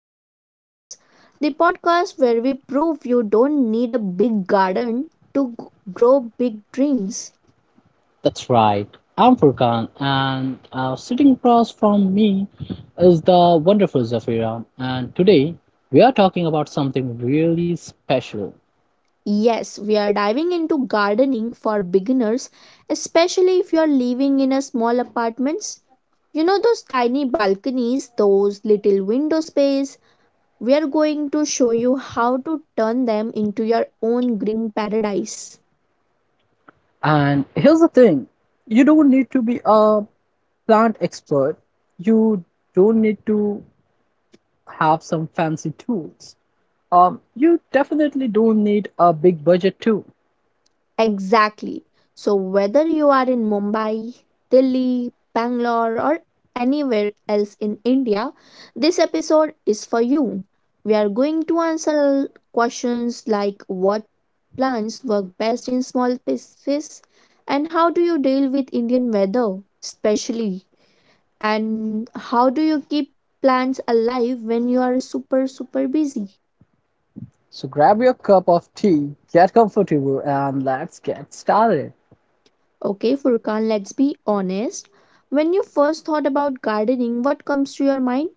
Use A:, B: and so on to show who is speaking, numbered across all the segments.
A: Green Corners, the podcast where we prove you don't need a big garden to grow big dreams.
B: That's right. I'm Furkan, and sitting across from me is the wonderful Zafira. And today we are talking about something really special.
A: Yes, we are diving into gardening for beginners, especially if you are living in a small apartments. You know those tiny balconies, those little window space? We are going to show you how to turn them into your own green paradise.
B: And here's the thing, you don't need to be a plant expert, you don't need to have some fancy tools. You definitely don't need a big budget, too.
A: Exactly. So, whether you are in Mumbai, Delhi, Bangalore, or anywhere else in India, this episode is for you. We are going to answer questions like what plants work best in small spaces and how do you deal with Indian weather, especially, and how do you keep plants alive when you are super, super busy.
B: So grab your cup of tea, get comfortable, and let's get started.
A: Okay, Furkan, let's be honest. When you first thought about gardening, what comes to your mind?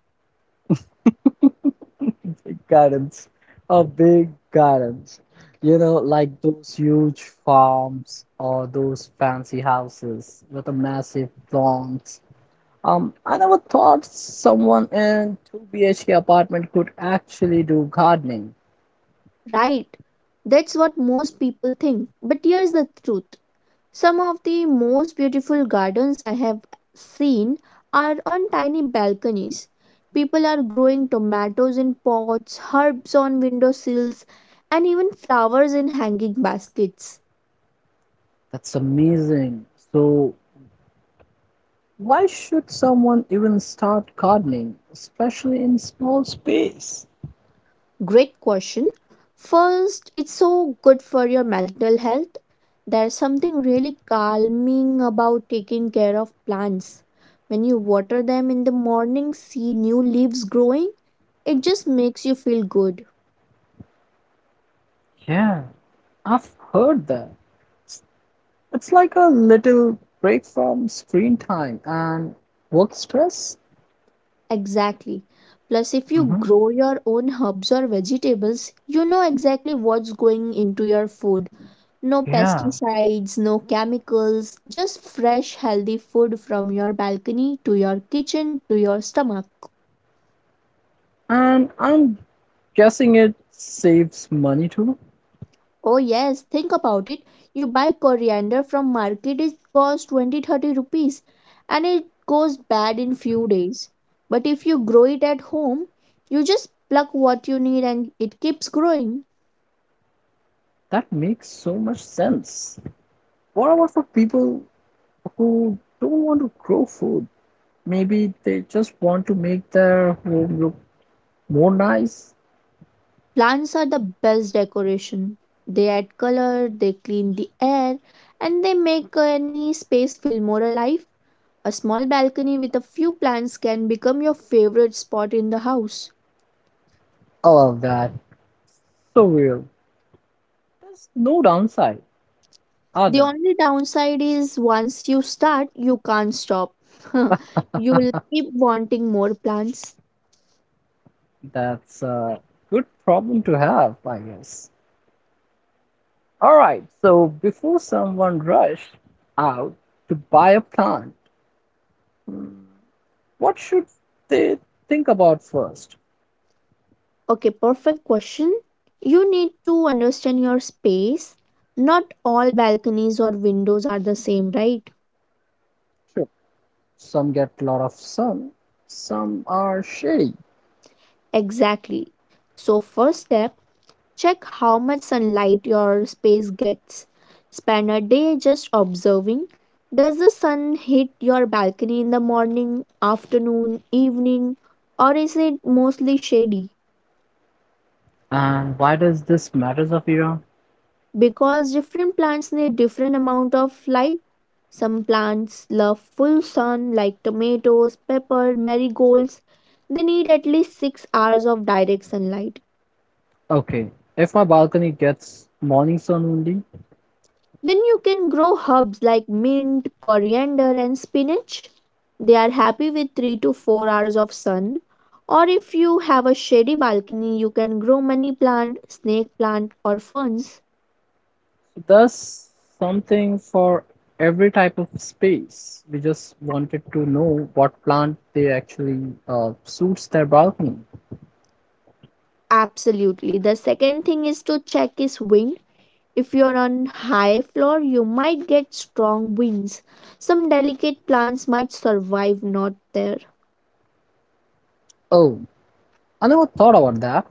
B: Gardens are big gardens, you know, like those huge farms or those fancy houses with a massive lawns. I never thought someone in 2 BHK apartment could actually do gardening.
A: Right. That's what most people think. But here's the truth. Some of the most beautiful gardens I have seen are on tiny balconies. People are growing tomatoes in pots, herbs on windowsills, and even flowers in hanging baskets.
B: That's amazing. So why should someone even start gardening, especially in small space?
A: Great question. First, it's so good for your mental health. There's something really calming about taking care of plants. When you water them in the morning, see new leaves growing, it just makes you feel good.
B: Yeah, I've heard that. It's like a little break from screen time and work stress.
A: Exactly. Plus, if you
B: Mm-hmm.
A: grow your own herbs or vegetables, you know exactly what's going into your food. No
B: Yeah.
A: pesticides, no chemicals, just fresh, healthy food from your balcony to your kitchen to your stomach.
B: And I'm guessing it saves money too.
A: Oh yes, think about it. You buy coriander from market, it costs 20-30 rupees and it goes bad in few days. But if you grow it at home, you just pluck what you need and it keeps growing.
B: That makes so much sense. What about for people who don't want to grow food? Maybe they just want to make their home look more nice.
A: Plants are the best decoration. They add color, they clean the air, and they make any space feel more alive. A small balcony with a few plants can become your favorite spot in the house.
B: I love that. So real. There's no downside, are
A: The
B: there?
A: only downside is once you start, you can't stop. You will keep wanting more plants.
B: That's a good problem to have, I guess. All right, so before someone rushed out to buy a plant, mm, what should they think about first?
A: Okay, perfect question. You need to understand your space. Not all balconies or windows are the same, right?
B: Sure, some get a lot of sun, some are shady.
A: Exactly. So, first step, check how much sunlight your space gets. Spend a day just observing. Does the sun hit your balcony in the morning, afternoon, evening, or is it mostly shady?
B: And why does this matter, Zafira?
A: Because different plants need different amount of light. Some plants love full sun, like tomatoes, pepper, marigolds. They need at least 6 hours of direct sunlight.
B: Okay, if my balcony gets morning sun only.
A: Then you can grow herbs like mint, coriander, and spinach. They are happy with 3 to 4 hours of sun. Or if you have a shady balcony, you can grow money plant, snake plant, or ferns.
B: Thus, something for every type of space. We just wanted to know what plant they actually suits their balcony.
A: Absolutely. The second thing is to check is wind. If you're on high floor, you might get strong winds. Some delicate plants might survive not there.
B: Oh, I never thought about that.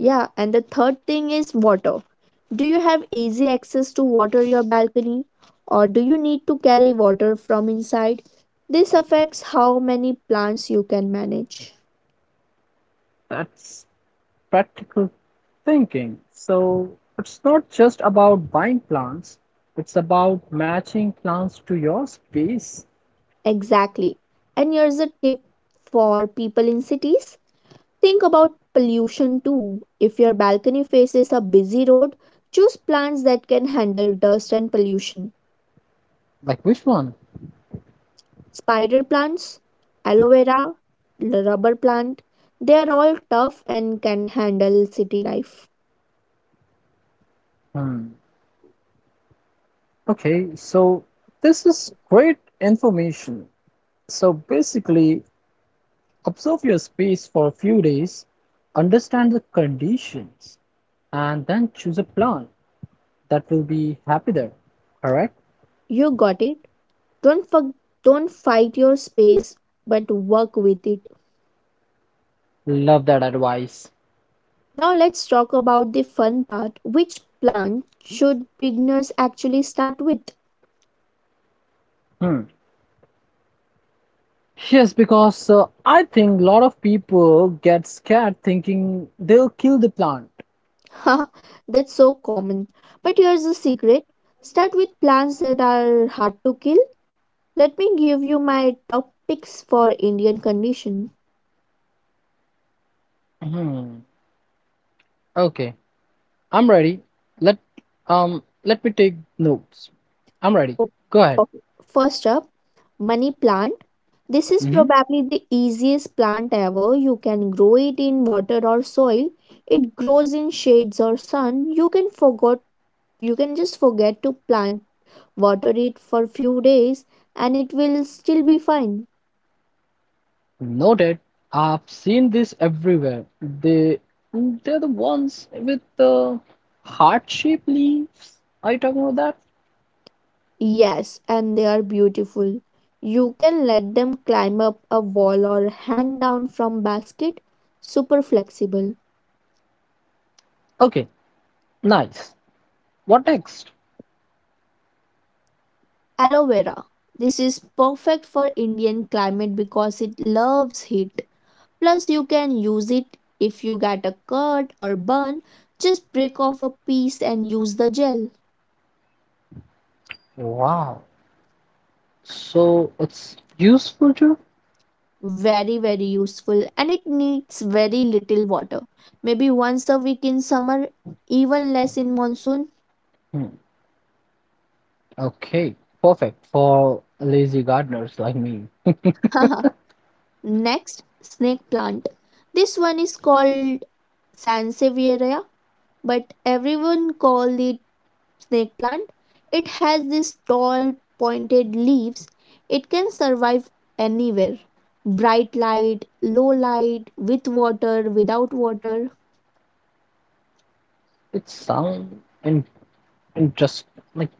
A: Yeah, and the third thing is water. Do you have easy access to water your balcony or do you need to carry water from inside? This affects how many plants you can manage.
B: That's practical thinking. So it's not just about buying plants, it's about matching plants to your space.
A: Exactly. And here's a tip for people in cities. Think about pollution too. If your balcony faces a busy road, choose plants that can handle dust and pollution.
B: Like which one?
A: Spider plants, aloe vera, rubber plant, they are all tough and can handle city life.
B: Hmm. Okay, so this is great information. So basically, observe your space for a few days, understand the conditions, and then choose a plant that will be happy there. Alright.
A: You got it. Don't for, don't fight your space but work with it.
B: Love that advice.
A: Now let's talk about the fun part. Which plant should beginners actually start with?
B: Hmm. Yes, because I think a lot of people get scared thinking they'll kill the plant.
A: Haha, that's so common. But here's the secret. Start with plants that are hard to kill. Let me give you my top picks for Indian condition.
B: Hmm. Okay, I'm ready. Let let me take notes. I'm ready.
A: O-
B: Go ahead.
A: Okay. First up, money plant. This is
B: Hmm.
A: probably the easiest plant ever. You can grow it in water or soil. It grows in shades or sun. You can just forget to plant water it for few days and it will still be fine.
B: Noted. I've seen this everywhere. They're the ones with the heart shaped leaves. Are you talking about that?
A: Yes, and they are beautiful. You can let them climb up a wall or hang down from basket. Super flexible.
B: Okay, nice. What next?
A: Aloe vera, this is perfect for Indian climate because it loves heat. Plus you can use it if you get a cut or burn, just break off a piece and use the gel.
B: Wow. So it's useful too?
A: Very, very useful, and it needs very little water, maybe once a week in summer, even less in monsoon.
B: Hmm. Okay, perfect for lazy gardeners like me.
A: Next, snake plant. This one is called Sansevieria but everyone call it snake plant. It has these tall pointed leaves. It can survive anywhere. Bright light, low light, with water, without water.
B: It sounds in interest like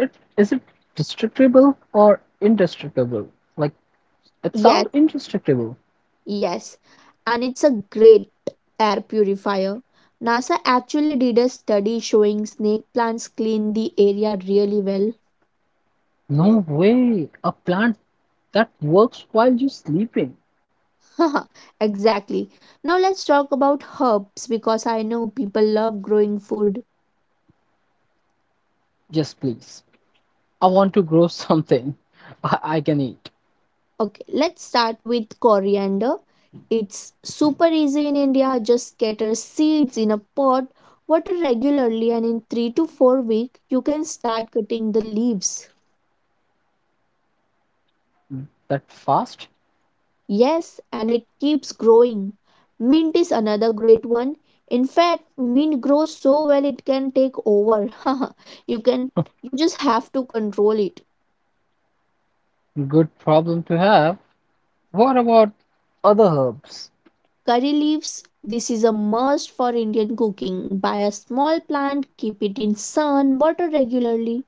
B: it is it destructible or indestructible? Like it sounds
A: Yes,
B: indestructible.
A: yes. And it's a great air purifier. NASA actually did a study showing snake plants clean the area really well.
B: No way! A plant that works while you're sleeping.
A: Exactly. Now let's talk about herbs because I know people love growing food.
B: Yes, please. I want to grow something I can eat.
A: Okay, let's start with coriander. It's super easy in India. Just scatter seeds in a pot, water regularly, and in 3 to 4 weeks, you can start cutting the leaves.
B: That fast?
A: Yes, and it keeps growing. Mint is another great one. In fact, mint grows so well it can take over. you can you just have to control it.
B: Good problem to have. What about other herbs?
A: Curry leaves, this is a must for Indian cooking. Buy a small plant, keep it in sun, water regularly.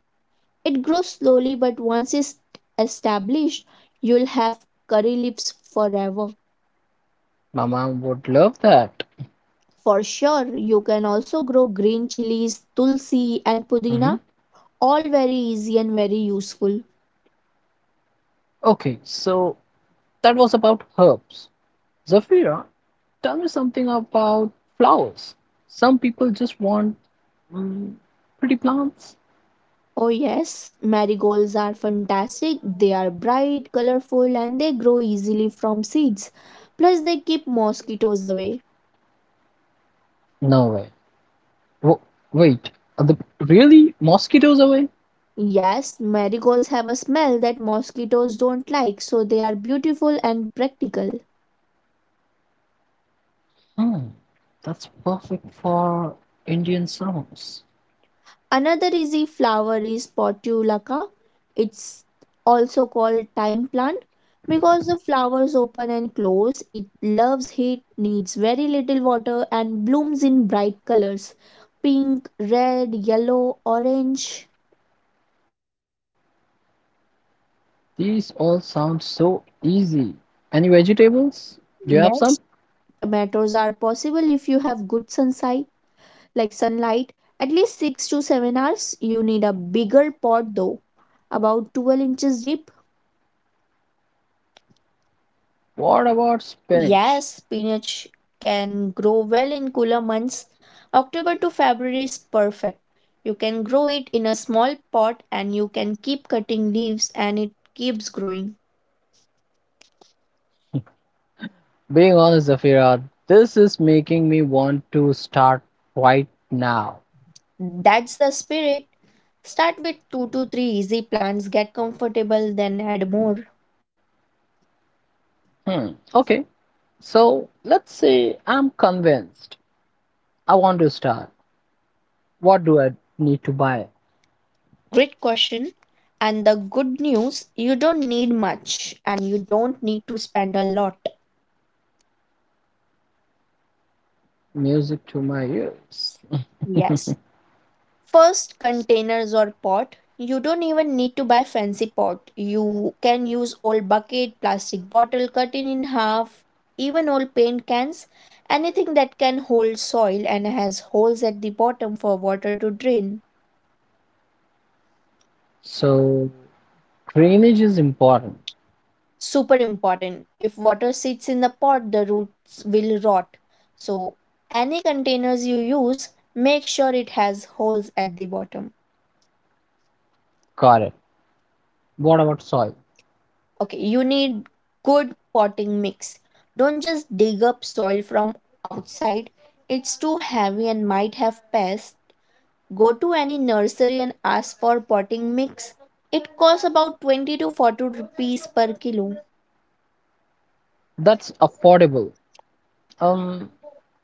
A: It grows slowly, but once it's established, you'll have curry leaves forever.
B: My mom would love that.
A: For sure, you can also grow green chilies, tulsi, and
B: Hmm.
A: pudina, all very easy and very useful.
B: Okay, so that was about herbs. Zafira, tell me something about flowers. Some people just want mm, pretty plants.
A: Oh, yes, marigolds are fantastic. They are bright, colorful, and they grow easily from seeds. Plus, they keep mosquitoes away.
B: No way. W- wait, are the really mosquitoes away?
A: Yes, marigolds have a smell that mosquitoes don't like, so they are beautiful and practical.
B: Hmm, that's perfect for Indian summers.
A: Another easy flower is Portulaca. It's also called time plant because the flowers open and close. It loves heat, needs very little water, and blooms in bright colors: pink, red, yellow, orange.
B: These all sound so easy. Any vegetables? Do you
A: Yes,
B: have some?
A: tomatoes are possible if you have good sunlight, like sunlight. At least 6 to 7 hours. You need a bigger pot though, about 12 inches deep.
B: What about spinach?
A: Yes, spinach can grow well in cooler months. October to February is perfect. You can grow it in a small pot and you can keep cutting leaves and it keeps growing.
B: Being honest, Zafira, this is making me want to start right now.
A: That's the spirit. Start with 2 to 3 easy plants, get comfortable, then add more.
B: Hmm, okay. So let's say I'm convinced I want to start. What do I need to buy?
A: Great question. And the good news, you don't need much and you don't need to spend a lot.
B: Music to my ears.
A: Yes. First, containers or pot, you don't even need to buy fancy pot. You can use old bucket, plastic bottle cut in half, even old paint cans, anything that can hold soil and has holes at the bottom for water to drain.
B: So drainage is important.
A: Super important, if water sits in the pot the roots will rot. So, any containers you use, make sure it has holes at the bottom.
B: Got it. What about soil?
A: Okay, you need good potting mix. Don't just dig up soil from outside. It's too heavy and might have pests. Go to any nursery and ask for potting mix. It costs about 20 to 40 rupees per kilo.
B: That's affordable. Um,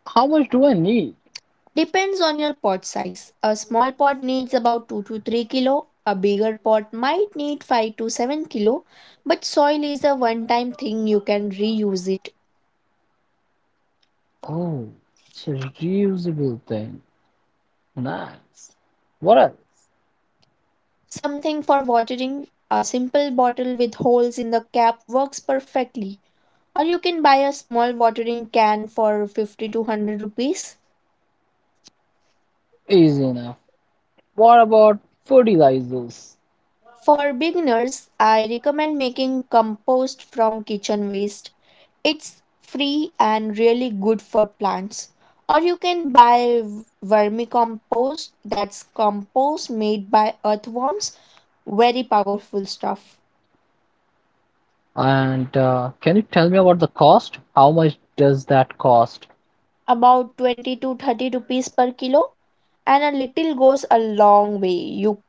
B: how much do I need?
A: Depends on your pot size. A small pot needs about 2 to 3 kilo. A bigger pot might need 5 to 7 kilo, but soil is a one time thing, you can reuse it.
B: Oh, it's a reusable thing. Nice. What else?
A: Something for watering, a simple bottle with holes in the cap works perfectly. Or you can buy a small watering can for 50 to 100 rupees.
B: Easy enough. What about fertilizers?
A: For beginners, I recommend making compost from kitchen waste. It's free and really good for plants. Or you can buy vermicompost, that's compost made by earthworms. Very powerful stuff.
B: And Can you tell me about the cost? How much does that cost?
A: About 20 to 30 rupees per kilo, and a little goes a long way. You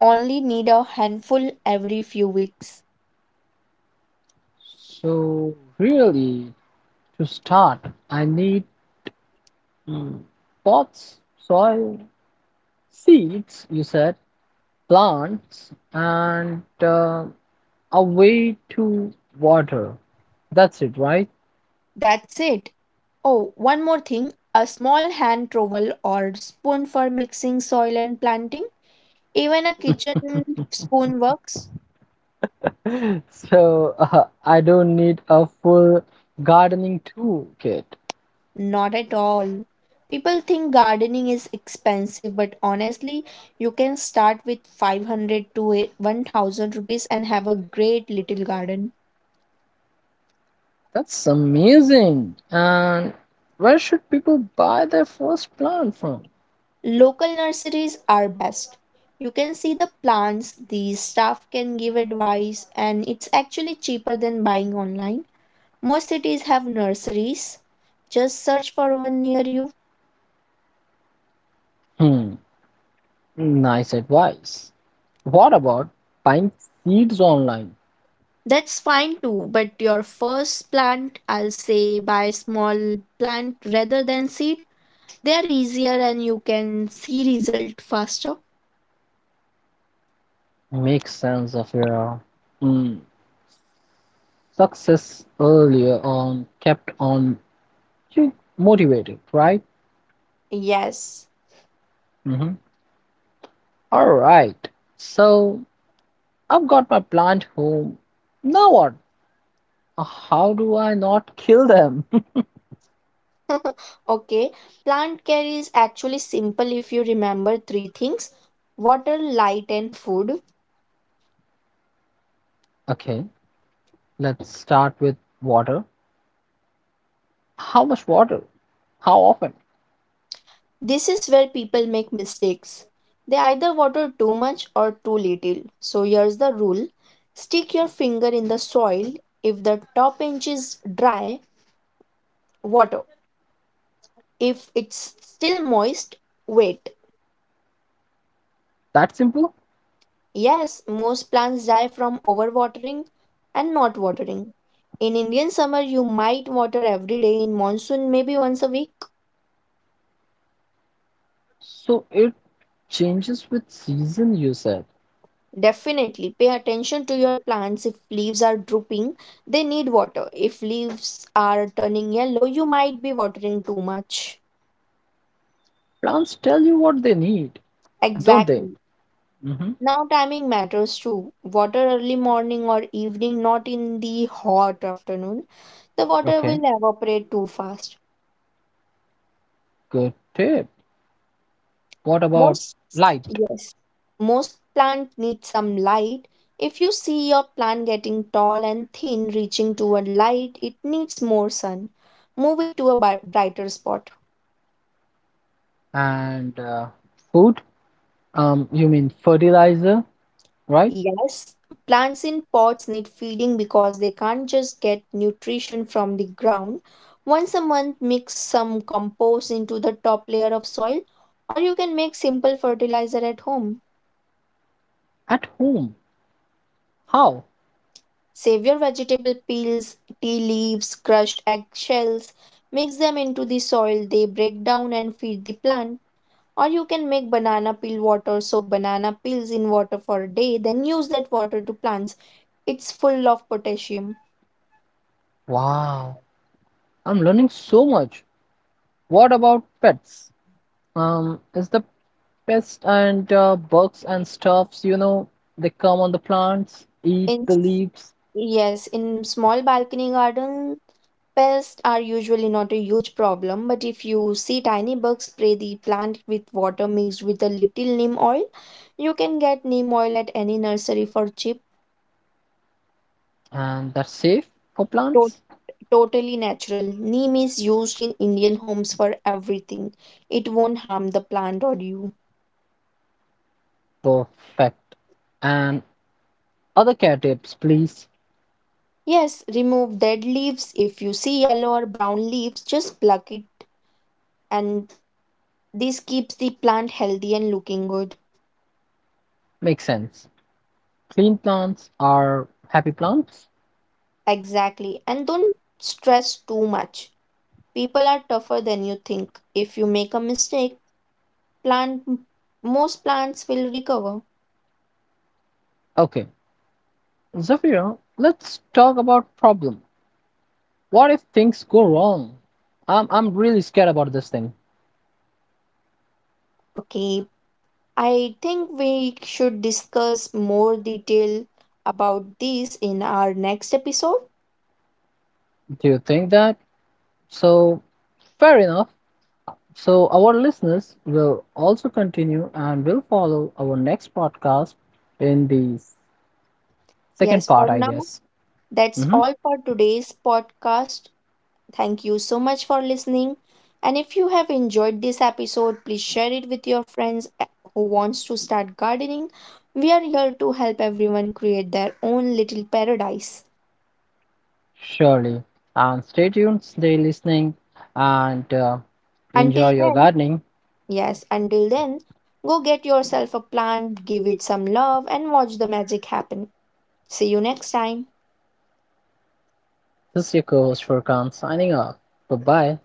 A: only need a handful every few weeks.
B: So really, to start, I need mm, pots, soil, seeds, you said, plants and a way to water. That's it, right?
A: That's it. Oh, one more thing, a small hand trowel or spoon for mixing soil and planting, even a kitchen spoon works.
B: So I don't need a full gardening toolkit.
A: Not at all. People think gardening is expensive but honestly you can start with 500 to 1000 rupees and have a great little garden.
B: That's amazing. And where should people buy their first plant from?
A: Local nurseries are best. You can see the plants, the staff can give advice, and it's actually cheaper than buying online. Most cities have nurseries. Just search for one near you.
B: Hmm, nice advice. What about buying seeds online?
A: That's fine too, but your first plant, I'll say buy small plant rather than seed. They are easier and you can see result faster.
B: Make sense of your mm, success earlier on kept on you motivated, right?
A: Yes.
B: Mm-hmm. All right. So I've got my plant home. Now what? How do I not kill them?
A: Okay, plant care is actually simple if you remember three things: water, light, and food.
B: Okay, let's start with water. How much water? How often?
A: This is where people make mistakes. They either water too much or too little. So, here's the rule, stick your finger in the soil. If the top inch is dry, water. If it's still moist, wait.
B: That simple?
A: Yes, most plants die from overwatering and not watering. In Indian summer, you might water every day. In monsoon, maybe once a week.
B: So it changes with season, you said.
A: Definitely pay attention to your plants. If leaves are drooping, they need water. If leaves are turning yellow, you might be watering too much.
B: Plants tell you what they need, don't they?
A: Exactly.
B: Mm-hmm.
A: Now, timing matters too. Water early morning or evening, not in the hot afternoon. The water
B: Okay,
A: will evaporate too fast.
B: good tip. What about
A: Most,
B: light
A: yes, most plant need some light. If you see your plant getting tall and thin reaching toward light, it needs more sun. Move it to a brighter spot.
B: and food? You mean fertilizer, right?
A: Yes, plants in pots need feeding because they can't just get nutrition from the ground. Once a month, mix some compost into the top layer of soil, or you can make simple fertilizer at home.
B: At home. How?
A: Save your vegetable peels, tea leaves, crushed eggshells, mix them into the soil, they break down and feed the plant. Or you can make banana peel water, soak banana peels in water for a day, then use that water to plants. It's full of potassium.
B: Wow, I'm learning so much. What about pets? Is the pests and bugs and stuffs, you know, they come on the plants, eat
A: In
B: the
A: s-
B: leaves,
A: yes, in small balcony garden, pests are usually not a huge problem, but if you see tiny bugs, spray the plant with water mixed with a little neem oil. You can get neem oil at any nursery for cheap.
B: and that's safe for
A: To-
B: plants?
A: Totally natural. Neem is used in Indian homes for everything. It won't harm the plant or you.
B: Perfect. And other care tips, please.
A: Yes, remove dead leaves. If you see yellow or brown leaves, just pluck it, and this keeps the plant healthy and looking good.
B: Make sense. Clean plants are happy plants.
A: Exactly. And don't stress too much. People are tougher than you think. If you make a mistake, plant most plants will recover.
B: Okay, Zafira, let's talk about problem. What if things go wrong? I'm really scared about this thing.
A: Okay, I think we should discuss more detail about this in our next episode.
B: Do you think that? So fair enough. So our listeners will also continue and will follow our next podcast in the
A: Yes,
B: second
A: for
B: part, I
A: now,
B: guess.
A: that's
B: Hmm.
A: all for today's podcast. Thank you so much for listening. And if you have enjoyed this episode, please share it with your friends who wants to start gardening. We are here to help everyone create their own little paradise.
B: Surely. And stay tuned, stay listening, and enjoy
A: Until
B: your
A: then,
B: gardening.
A: yes, until then, go get yourself a plant, give it some love and watch the magic happen. See you next time.
B: This is your co-host Furkan signing off. Bye bye.